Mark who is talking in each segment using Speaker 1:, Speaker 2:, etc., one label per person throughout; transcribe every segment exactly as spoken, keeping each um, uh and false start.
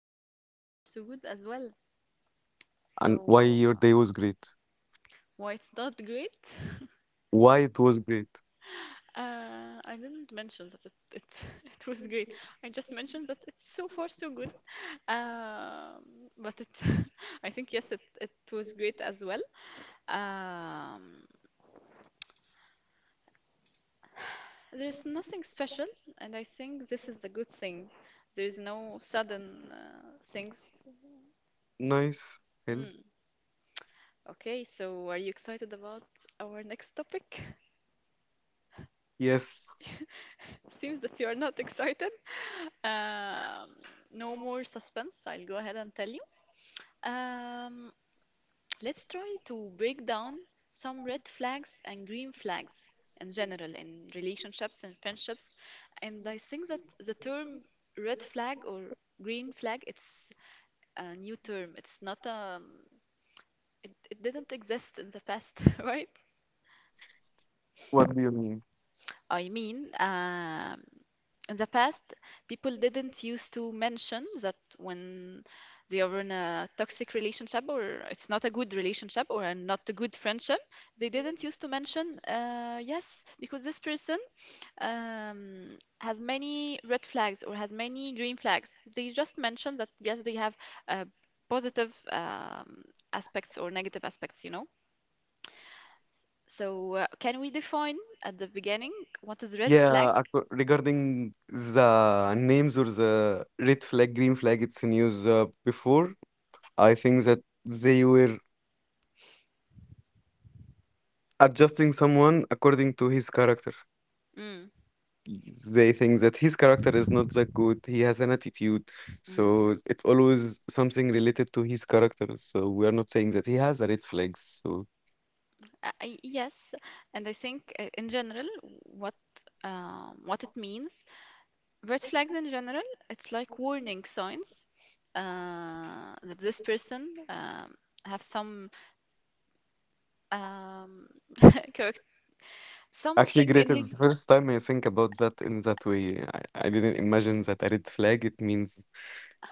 Speaker 1: Uh, so far, so good as well.
Speaker 2: And why
Speaker 1: So,
Speaker 2: your day
Speaker 1: uh,
Speaker 2: was great?
Speaker 1: why it's not great?
Speaker 2: Why it was great?
Speaker 1: Uh, I didn't mention that it, it, it was great. I just mentioned that it's so far so good. Um, but it, I think yes, it, it was great as well. Um, there's nothing special, and I think this is a good thing. There's no sudden uh, things.
Speaker 2: Nice. Help.
Speaker 1: Mm. Okay, so are you excited about our next topic?
Speaker 2: Yes.
Speaker 1: Seems that you are not excited. Um, no more suspense. I'll go ahead and tell you. Um, let's try to break down some red flags and green flags in general in relationships and friendships. And I think that the term red flag or green flag, it's a new term. It's not um, it, it didn't exist in the past, right?
Speaker 2: What do you mean?
Speaker 1: I mean, um, in the past, people didn't used to mention that when they are in a toxic relationship or it's not a good relationship or a not a good friendship, they didn't used to mention, uh, yes, because this person um, has many red flags or has many green flags. They just mention that, yes, they have uh, positive um, aspects or negative aspects, you know. So, uh, can we define at the beginning what is red flag?
Speaker 2: Yeah, acco- regarding the names or the red flag, green flag, it's news uh, before. I think that they were adjusting someone according to his character.
Speaker 1: Mm,
Speaker 2: They think that his character is not that good. He has an attitude.
Speaker 1: mhm.
Speaker 2: So it's always something related to his character. So we are not saying that he has a red flags. So
Speaker 1: Uh, y- yes, and I think uh, in general, what um, what it means, red flags in general, it's like warning signs uh, that this person um, have some um, character,
Speaker 2: actually,
Speaker 1: something in
Speaker 2: great.
Speaker 1: his.
Speaker 2: It's the first time I think about that in that way. I, I didn't imagine that a red flag, it means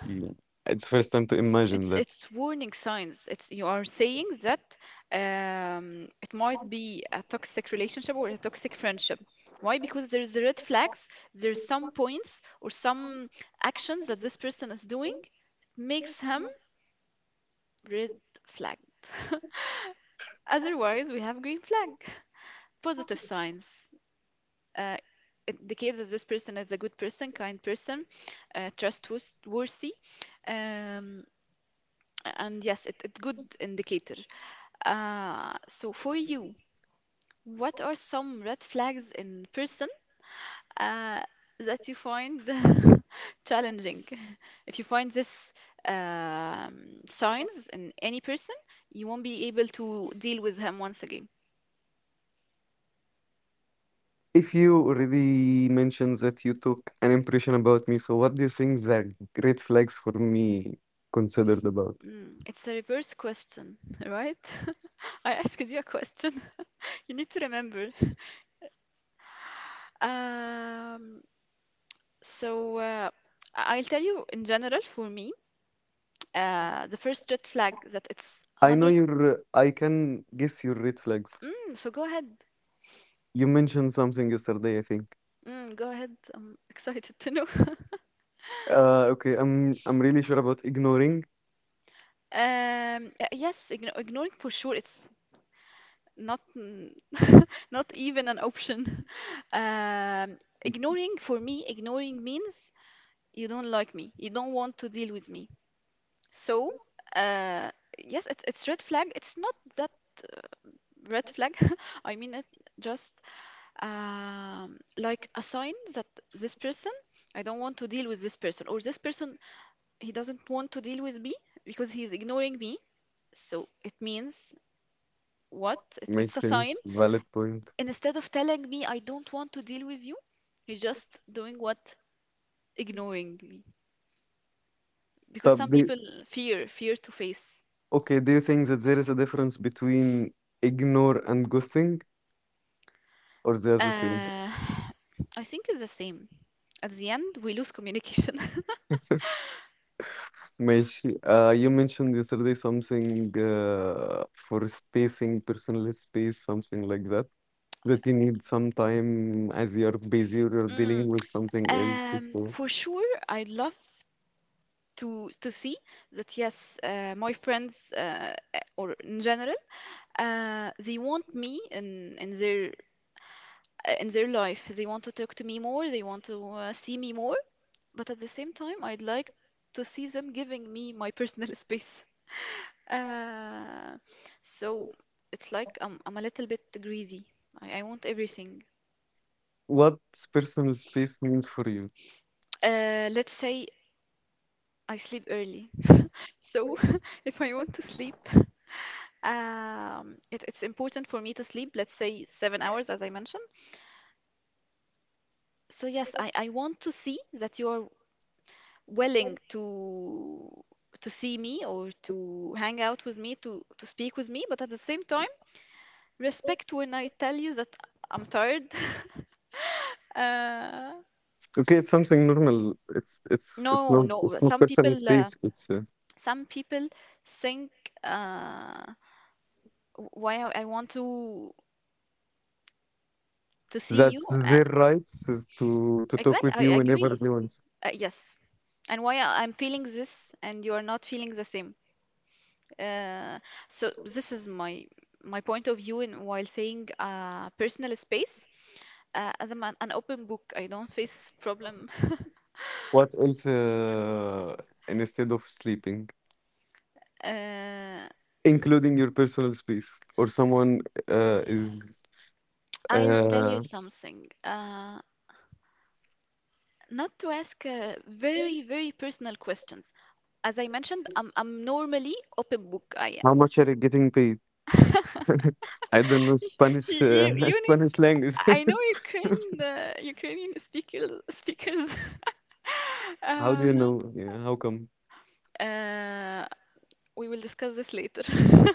Speaker 2: you. It's first time to imagine
Speaker 1: It's
Speaker 2: that.
Speaker 1: it's warning signs. It's you are saying that um, it might be a toxic relationship or a toxic friendship. Why? Because there's the red flags. There's some points or some actions that this person is doing makes him red flagged. Otherwise, we have green flag. Positive signs. Uh, it indicates that this person is a good person, kind person, uh, trustworthy. Um, and yes, it, it good indicator. Uh, so for you, what are some red flags in person uh, that you find challenging? If you find this um, signs in any person, you won't be able to deal with him once again.
Speaker 2: If you already mentioned that you took an impression about me, so what do you think the red flags for me considered about?
Speaker 1: Mm, it's a reverse question, right? I asked you a question. You need to remember. Um, so uh, I- I'll tell you in general for me, uh, the first red flag that it's
Speaker 2: I know
Speaker 1: one hundred.
Speaker 2: your, I can guess your red flags.
Speaker 1: Mm, so go ahead.
Speaker 2: You mentioned something yesterday, I think.
Speaker 1: Mm, go ahead. I'm excited to know.
Speaker 2: Uh, okay, I'm I'm really sure about ignoring.
Speaker 1: Um, uh, yes, igno ignoring for sure. It's not n- not even an option. Um, Ignoring for me, ignoring means you don't like me. You don't want to deal with me. So, uh, yes, it's it's red flag. It's not that red flag. I mean it just um, like a sign that this person, I don't want to deal with this person, or this person, he doesn't want to deal with me because he's ignoring me. So it means what? It, it's
Speaker 2: Makes
Speaker 1: a sign.
Speaker 2: sense, valid point.
Speaker 1: And instead of telling me I don't want to deal with you, he's just doing what? Ignoring me. Because
Speaker 2: طب
Speaker 1: some
Speaker 2: do
Speaker 1: people fear, fear to face.
Speaker 2: okay, do you think that there is a difference between ignore and ghosting, or they are the same?
Speaker 1: Uh, I think it's the same. At the end, we lose communication.
Speaker 2: ماشي. Uh, you mentioned yesterday something uh, for spacing, personal space, something like that, that you need some time as you're busy or you're
Speaker 1: Mm.
Speaker 2: dealing with something else
Speaker 1: Um,
Speaker 2: before.
Speaker 1: for sure, I love to to see that yes, uh, my friends uh, uh, or in general, uh, they want me in in their uh, in their life. They want to talk to me more. They want to uh, see me more. But at the same time, I'd like to see them giving me my personal space. Uh, so it's like I'm, I'm a little bit greedy. I, I want everything.
Speaker 2: What personal space means for you?
Speaker 1: Uh, let's say I sleep early. So if I want to sleep, um, it, it's important for me to sleep, let's say seven hours, as I mentioned. So yes, I, I want to see that you are willing to to see me or to hang out with me, to to speak with me, but at the same time, respect when I tell you that I'm tired. Uh,
Speaker 2: Okay, it's something normal. It's it's it's
Speaker 1: no,
Speaker 2: not
Speaker 1: no.
Speaker 2: it's not
Speaker 1: Some
Speaker 2: personal
Speaker 1: people, uh,
Speaker 2: space. It's uh,
Speaker 1: some people think uh, why I I want to to see you.
Speaker 2: That's
Speaker 1: Uh,
Speaker 2: their rights is to to talk
Speaker 1: exactly,
Speaker 2: with
Speaker 1: I
Speaker 2: you whenever
Speaker 1: agree.
Speaker 2: they want.
Speaker 1: Uh, yes, and why I- I'm feeling this and you are not feeling the same. Uh, so this is my my point of view in while saying uh, personal space. Uh, as I'm an, an open book, I don't face problem.
Speaker 2: What else, uh, instead of sleeping,
Speaker 1: Uh,
Speaker 2: including your personal space or someone uh, is
Speaker 1: I'll tell you
Speaker 2: uh,
Speaker 1: something. Uh, not to ask uh, very, very personal questions. As I mentioned, I'm, I'm normally open book. I
Speaker 2: how much are you getting paid?
Speaker 1: am.
Speaker 2: I don't know
Speaker 1: you,
Speaker 2: Spanish
Speaker 1: you
Speaker 2: uh,
Speaker 1: you need.
Speaker 2: Spanish language.
Speaker 1: I know Ukraine, uh, Ukrainian speaker, speakers.
Speaker 2: How do
Speaker 1: uh,
Speaker 2: you know? Yeah, how come?
Speaker 1: uh, we will discuss this later.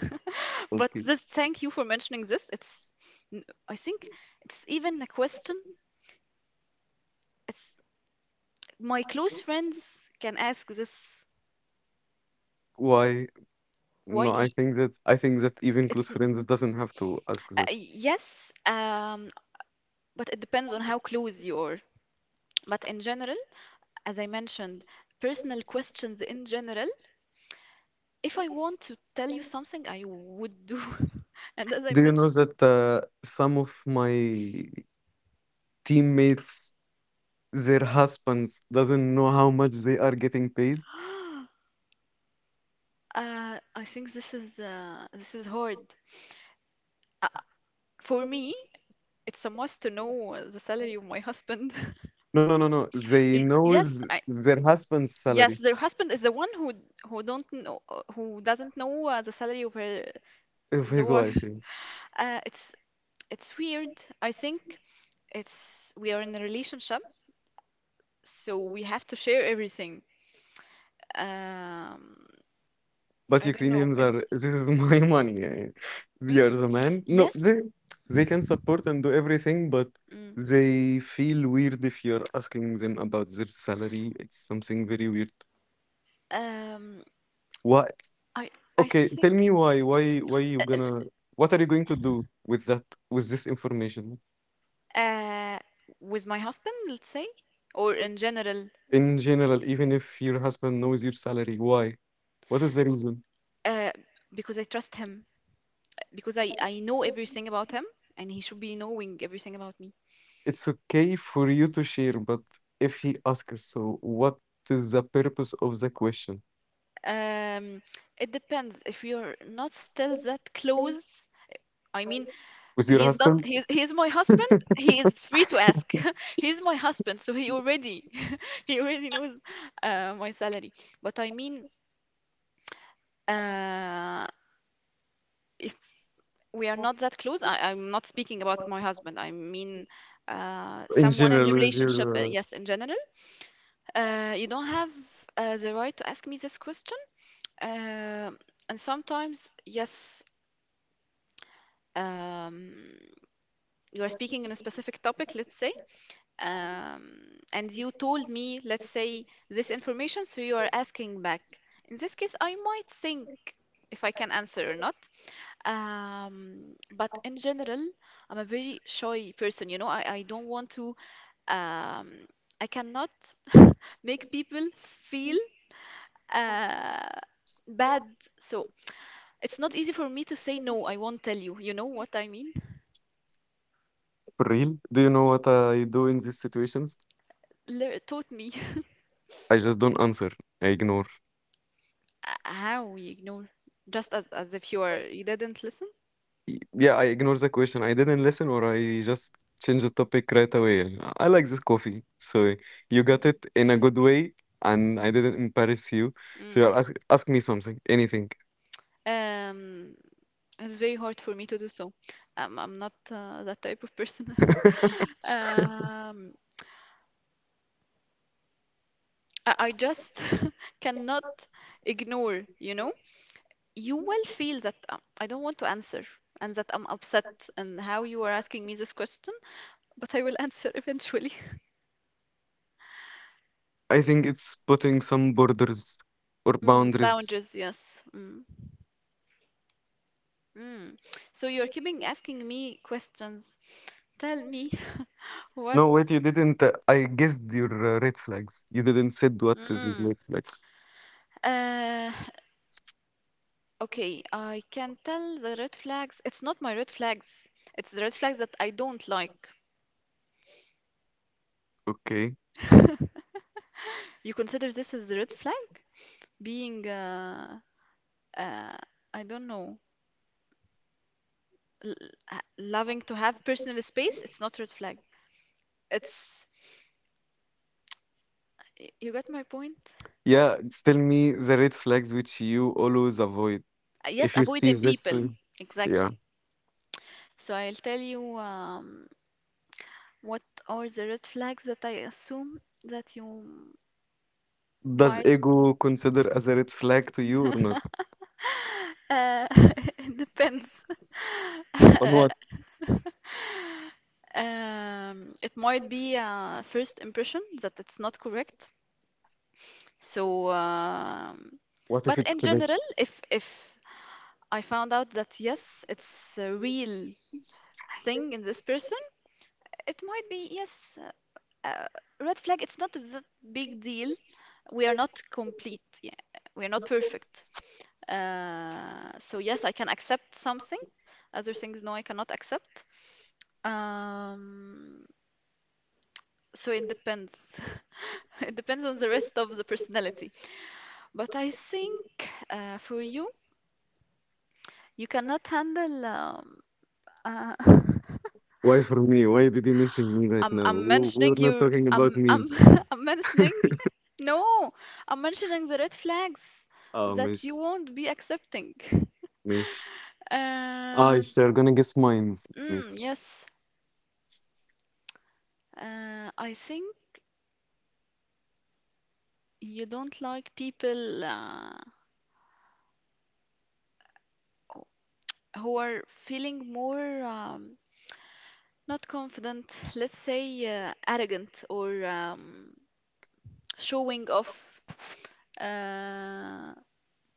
Speaker 1: But
Speaker 2: Okay.
Speaker 1: this, thank you for mentioning this. It's, n- I think it's even a question. It's my close friends can ask this.
Speaker 2: Why?
Speaker 1: Why?
Speaker 2: No, I
Speaker 1: Y-
Speaker 2: think that I think that even close
Speaker 1: It's n-
Speaker 2: friends doesn't have to ask
Speaker 1: uh,
Speaker 2: that.
Speaker 1: Yes. Um, But it depends on how close you are. But in general, as I mentioned, personal questions in general, if I want to tell you something, I would do. And as I
Speaker 2: Do you
Speaker 1: mentioned,
Speaker 2: know that uh, some of my teammates, their husbands doesn't know how much they are getting paid?
Speaker 1: uh, I think this is uh, this is hard. For me, it's a must to know uh, the salary of my husband.
Speaker 2: No, no, no, no. They
Speaker 1: Y-
Speaker 2: know
Speaker 1: Yes,
Speaker 2: th-
Speaker 1: I,
Speaker 2: their husband's
Speaker 1: yes,
Speaker 2: salary
Speaker 1: their husband is the one who who don't know who doesn't know uh, the salary of her
Speaker 2: of
Speaker 1: the
Speaker 2: his wife.
Speaker 1: wife.
Speaker 2: Yeah.
Speaker 1: Uh, it's it's weird. I think it's we are in a relationship so we have to share everything. Um,
Speaker 2: But
Speaker 1: I don't know.
Speaker 2: Ukrainians are,
Speaker 1: It's
Speaker 2: this is my money. Yeah, yeah. They are
Speaker 1: mm,
Speaker 2: the man. No,
Speaker 1: yes.
Speaker 2: they they can support and do everything, but
Speaker 1: Mm,
Speaker 2: they feel weird if you're asking them about their salary. It's something very weird.
Speaker 1: um,
Speaker 2: Why?
Speaker 1: I I
Speaker 2: Okay, tell
Speaker 1: think
Speaker 2: me why. Why? Why you gonna? What are you going to do with that? With this information
Speaker 1: uh, with my husband, let's say, or in general,
Speaker 2: in general, even if your husband knows your salary, why? What is the reason?
Speaker 1: uh, because I trust him, because I I know everything about him, and he should be knowing everything about me.
Speaker 2: It's okay for you to share, but if he asks, so what is the purpose of the question?
Speaker 1: Um, it depends if you're not still that close. I mean.
Speaker 2: With your
Speaker 1: He's not
Speaker 2: husband?
Speaker 1: he's He's my husband. He is free to ask. He's my husband, so he already he already knows uh, my salary. But I mean, uh, if we are not that close, I, I'm not speaking about my husband. I mean, uh,
Speaker 2: In
Speaker 1: someone in the
Speaker 2: general, with
Speaker 1: relationship, uh,
Speaker 2: your. Uh,
Speaker 1: yes, in general. Uh, you don't have uh, the right to ask me this question. Um and sometimes, yes, um, you are speaking in a specific topic, let's say um, and you told me, let's say, this information, so you are asking back. In this case, I might think if I can answer or not. Um, but in general, I'm a very shy person. You know, I, I don't want to, um, I cannot make people feel uh, bad. So it's not easy for me to say, no, I won't tell you. You know what I mean?
Speaker 2: for real? Do you know what I do in these situations?
Speaker 1: Le- taught me
Speaker 2: I just don't answer. I ignore.
Speaker 1: how you ignore, just as, as if you are, you didn't listen.
Speaker 2: Y- Yeah, I ignore the question. I didn't listen or I just change the topic right away. I like this coffee. So you got
Speaker 1: Mm,
Speaker 2: it in a good way and I didn't embarrass you. So
Speaker 1: mm.
Speaker 2: you're ask, ask me something, anything.
Speaker 1: Um, it's very hard for me to do so. Um, I'm not uh, that type of person. Um, I, I just cannot ignore, you know? You will feel that um, I don't want to answer and that I'm upset and how you are asking me this question, but I will answer eventually.
Speaker 2: I think it's putting some borders or
Speaker 1: Mm,
Speaker 2: boundaries.
Speaker 1: boundaries, yes. Mm, mm. So you're keeping asking me questions. Tell me what.
Speaker 2: No, wait, you didn't. uh, I guessed your uh, red flags. You didn't said what is your
Speaker 1: Mm.
Speaker 2: red flags.
Speaker 1: Okay, I can tell the red flags. It's not my red flags. It's the red flags that I don't like.
Speaker 2: Okay.
Speaker 1: You consider this as the red flag? Being, uh, uh, I don't know, l uh, loving to have personal space, it's not red flag. It's, y- you got my point?
Speaker 2: Yeah, tell me the red flags which you always avoid.
Speaker 1: Uh,
Speaker 2: If
Speaker 1: yes,
Speaker 2: you see
Speaker 1: avoiding
Speaker 2: this, uh,
Speaker 1: people.
Speaker 2: yeah.
Speaker 1: Exactly. So I'll tell you um, what are the red flags that I assume that you
Speaker 2: Does
Speaker 1: might.
Speaker 2: ego consider as a red flag to you or not?
Speaker 1: Uh, it depends.
Speaker 2: On what?
Speaker 1: Um, it might be a first impression that it's not correct. So, um,
Speaker 2: What if
Speaker 1: but
Speaker 2: it's
Speaker 1: in general,
Speaker 2: correct?
Speaker 1: if if I found out that yes, it's a real thing in this person, it might be yes, uh, uh, red flag. It's not that big deal. We are not complete. Yeah, we are not perfect. Uh, so yes, I can accept something. Other things, no, I cannot accept. Um, so it depends. It depends on the rest of the personality. But I think uh, for you, you cannot handle. Um, uh,
Speaker 2: Why for me? Why did you mention me right
Speaker 1: I'm,
Speaker 2: now?
Speaker 1: I'm
Speaker 2: We, we're
Speaker 1: mentioning
Speaker 2: not
Speaker 1: your.
Speaker 2: talking about
Speaker 1: I'm, I'm,
Speaker 2: me.
Speaker 1: I'm mentioning. No, I'm mentioning the red flags
Speaker 2: Oh,
Speaker 1: that you
Speaker 2: mish,
Speaker 1: won't be accepting.
Speaker 2: mish. Ah,
Speaker 1: Uh,
Speaker 2: you're gonna guess mine.
Speaker 1: mm, yes, uh, I think you don't like people uh, who are feeling more um, not confident, let's say uh, arrogant or um, showing off uh,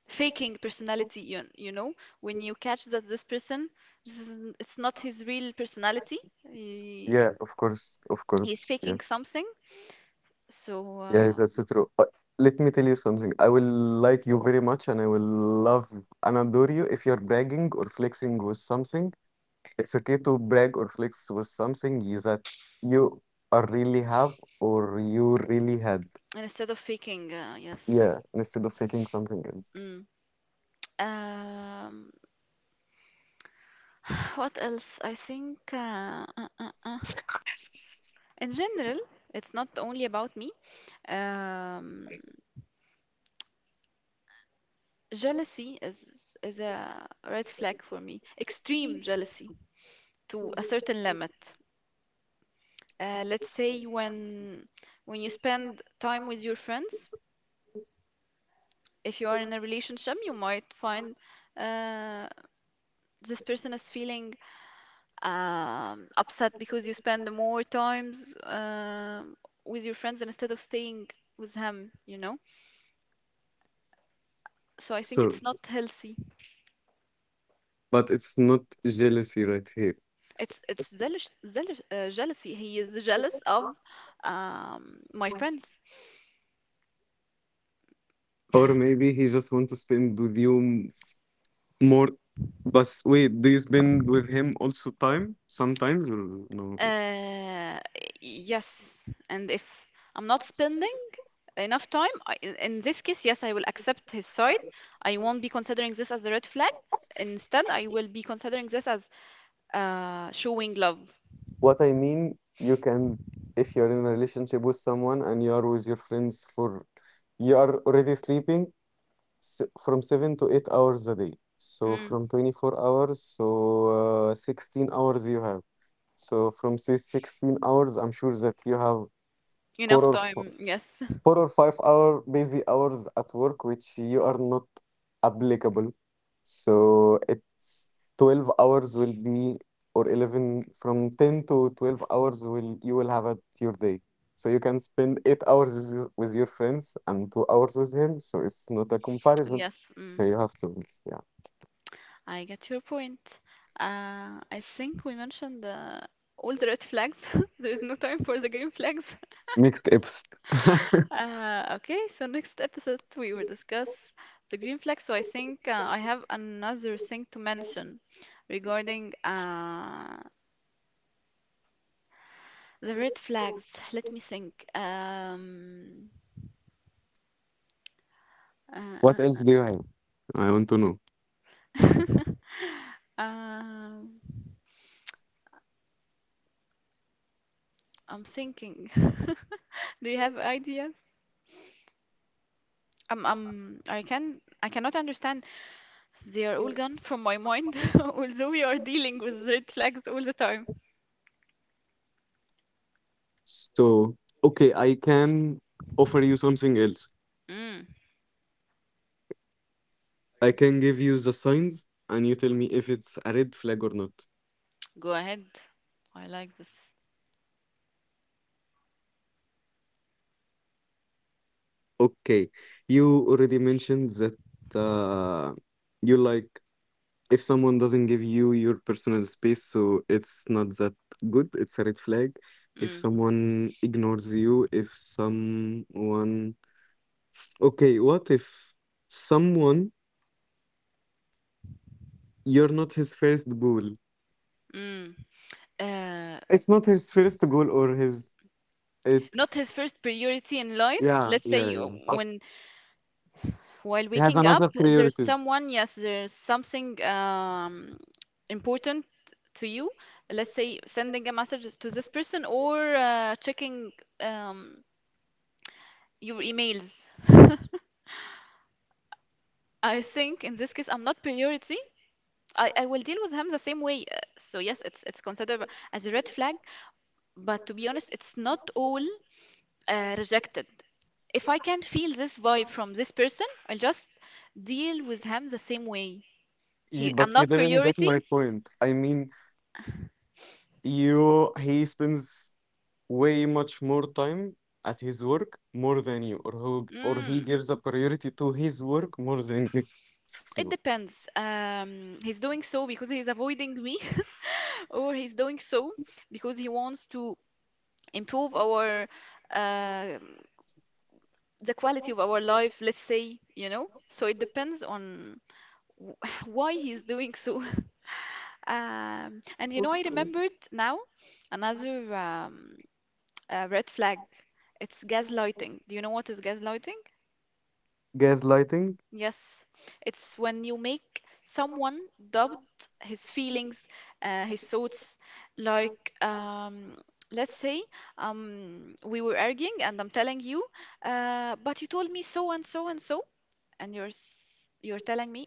Speaker 1: faking personality you, you know when you catch that this person this is it's not his real personality he,
Speaker 2: Yeah, of course, of
Speaker 1: he's
Speaker 2: course. Yeah,
Speaker 1: faking something so
Speaker 2: yeah,
Speaker 1: uh,
Speaker 2: that's true. But let me tell you something. I will like you very much, and I will love and adore you if you're bragging or flexing with something. It's okay to brag or flex with something y- that you are really have or you really had.
Speaker 1: and instead of faking uh, yes.
Speaker 2: Yeah, instead of faking something else.
Speaker 1: Mm. um, what else I think uh, uh, uh, uh. in general it's not only about me, um, jealousy is is a red flag for me, extreme jealousy to a certain limit. Uh, let's say when when you spend time with your friends, if you are in a relationship, you might find uh, this person is feeling um, upset because you spend more times um with your friends instead of staying with him, you know? So I think
Speaker 2: So,
Speaker 1: it's not healthy.
Speaker 2: but it's not jealousy right here.
Speaker 1: It's it's jealous, jealous, uh, jealousy. He is jealous of um, my friends.
Speaker 2: Or maybe he just want to spend with you more. But wait, do you spend with him also time sometimes or no?
Speaker 1: Uh, yes, and if I'm not spending enough time I, in in this case yes I will accept his side. I won't be considering this as a red flag. Instead I will be considering this as uh showing love.
Speaker 2: What I mean, you can, if you're in a relationship with someone and you are with your friends for, you are already sleeping s- from seven to eight hours a day. So
Speaker 1: Mm,
Speaker 2: from twenty-four hours, so uh, sixteen hours you have. So from say sixteen hours, I'm sure that you have four
Speaker 1: enough
Speaker 2: or
Speaker 1: time yes.
Speaker 2: four or five hour busy hours at work, which you are not applicable. So it's twelve hours will be, or eleven, from ten to twelve hours will you will have at your day. So you can spend eight hours with your with your friends and two hours with him. So it's not a comparison.
Speaker 1: Yes.
Speaker 2: So
Speaker 1: Mm,
Speaker 2: you have to, yeah.
Speaker 1: I get your point. uh I think we mentioned uh, all the red flags. There is no time for the green flags.
Speaker 2: Mixed episode.
Speaker 1: Uh okay, so next episode we will discuss the green flag. So I think uh, I have another thing to mention regarding uh the red flags. Let me think. Um, uh,
Speaker 2: What else do
Speaker 1: uh,
Speaker 2: you have? I want to know.
Speaker 1: uh. Um, I'm thinking. Do you have ideas? Um, um, I can I cannot understand. They are all gone from my mind, although we are dealing with red flags all the time.
Speaker 2: So, okay, I can offer you something else.
Speaker 1: Mm,
Speaker 2: I can give you the signs and you tell me if it's a red flag or not.
Speaker 1: go ahead. I like this.
Speaker 2: Okay, you already mentioned that uh, you like if someone doesn't give you your personal space, so it's not that good, it's a red flag. If
Speaker 1: Mm,
Speaker 2: someone ignores you, if someone. Okay, what if someone, you're not his first goal?
Speaker 1: mm. Uh,
Speaker 2: It's not his first goal or his.
Speaker 1: Not
Speaker 2: It's.
Speaker 1: his first priority in life.
Speaker 2: Yeah,
Speaker 1: Let's
Speaker 2: yeah,
Speaker 1: say uh,
Speaker 2: yeah.
Speaker 1: when while
Speaker 2: He has
Speaker 1: waking up,
Speaker 2: another
Speaker 1: there's
Speaker 2: priorities.
Speaker 1: someone, yes, there's something um, important to you. Let's say sending a message to this person or uh, checking um, your emails. I think in this case, I'm not priority. I, I will deal with him the same way. Uh, So yes, it's it's considered as a red flag. But to be honest, it's not all uh, rejected. If I can feel this vibe from this person, I'll just deal with him the same way.
Speaker 2: Ye
Speaker 1: He,
Speaker 2: but
Speaker 1: I'm
Speaker 2: you
Speaker 1: not
Speaker 2: didn't get
Speaker 1: priority.
Speaker 2: my point. I mean, you he spends way much more time at his work more than you, or who or he
Speaker 1: Mm.
Speaker 2: gives a priority to his work more than you.
Speaker 1: It
Speaker 2: So
Speaker 1: depends. Um, he's doing so because he's avoiding me, or he's doing so because he wants to improve our uh, the quality of our life, let's say, you know. So it depends on w- why he's doing so. Um, and you know, I remembered now another um, uh, red flag. It's gaslighting. Do you know what is gaslighting?
Speaker 2: gaslighting,
Speaker 1: Yes, it's when you make someone doubt his feelings, uh, his thoughts. Like, um, let's say um, we were arguing, and I'm telling you, uh, but you told me so and so and so, and you're s- you're telling me,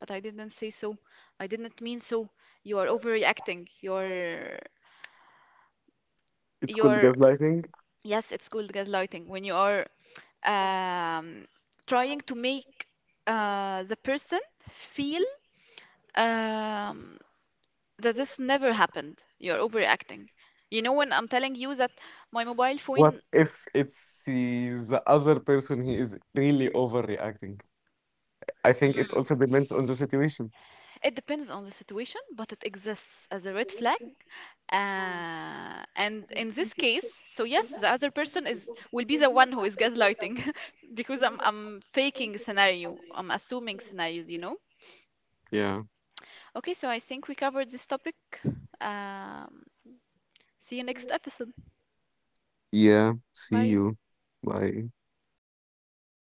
Speaker 1: but I didn't say so. I didn't mean so. You are overreacting. You're
Speaker 2: it's called
Speaker 1: you're
Speaker 2: gaslighting.
Speaker 1: Yes, it's called gaslighting when you are um, trying to make uh, the person feel um, that this never happened. You're overreacting. You know, when I'm telling you that my mobile
Speaker 2: What
Speaker 1: phone,
Speaker 2: if it's he's the other person he is really overreacting? I think it
Speaker 1: mm,
Speaker 2: also depends on the situation.
Speaker 1: it depends on the situation, but it exists as a red flag. Uh, and in this case, so yes, the other person is will be the one who is gaslighting because I'm I'm faking scenario. I'm assuming scenarios, you know.
Speaker 2: Yeah.
Speaker 1: Okay, so I think we covered this topic. Um, See you next episode.
Speaker 2: Yeah. See
Speaker 1: Bye.
Speaker 2: you. Bye.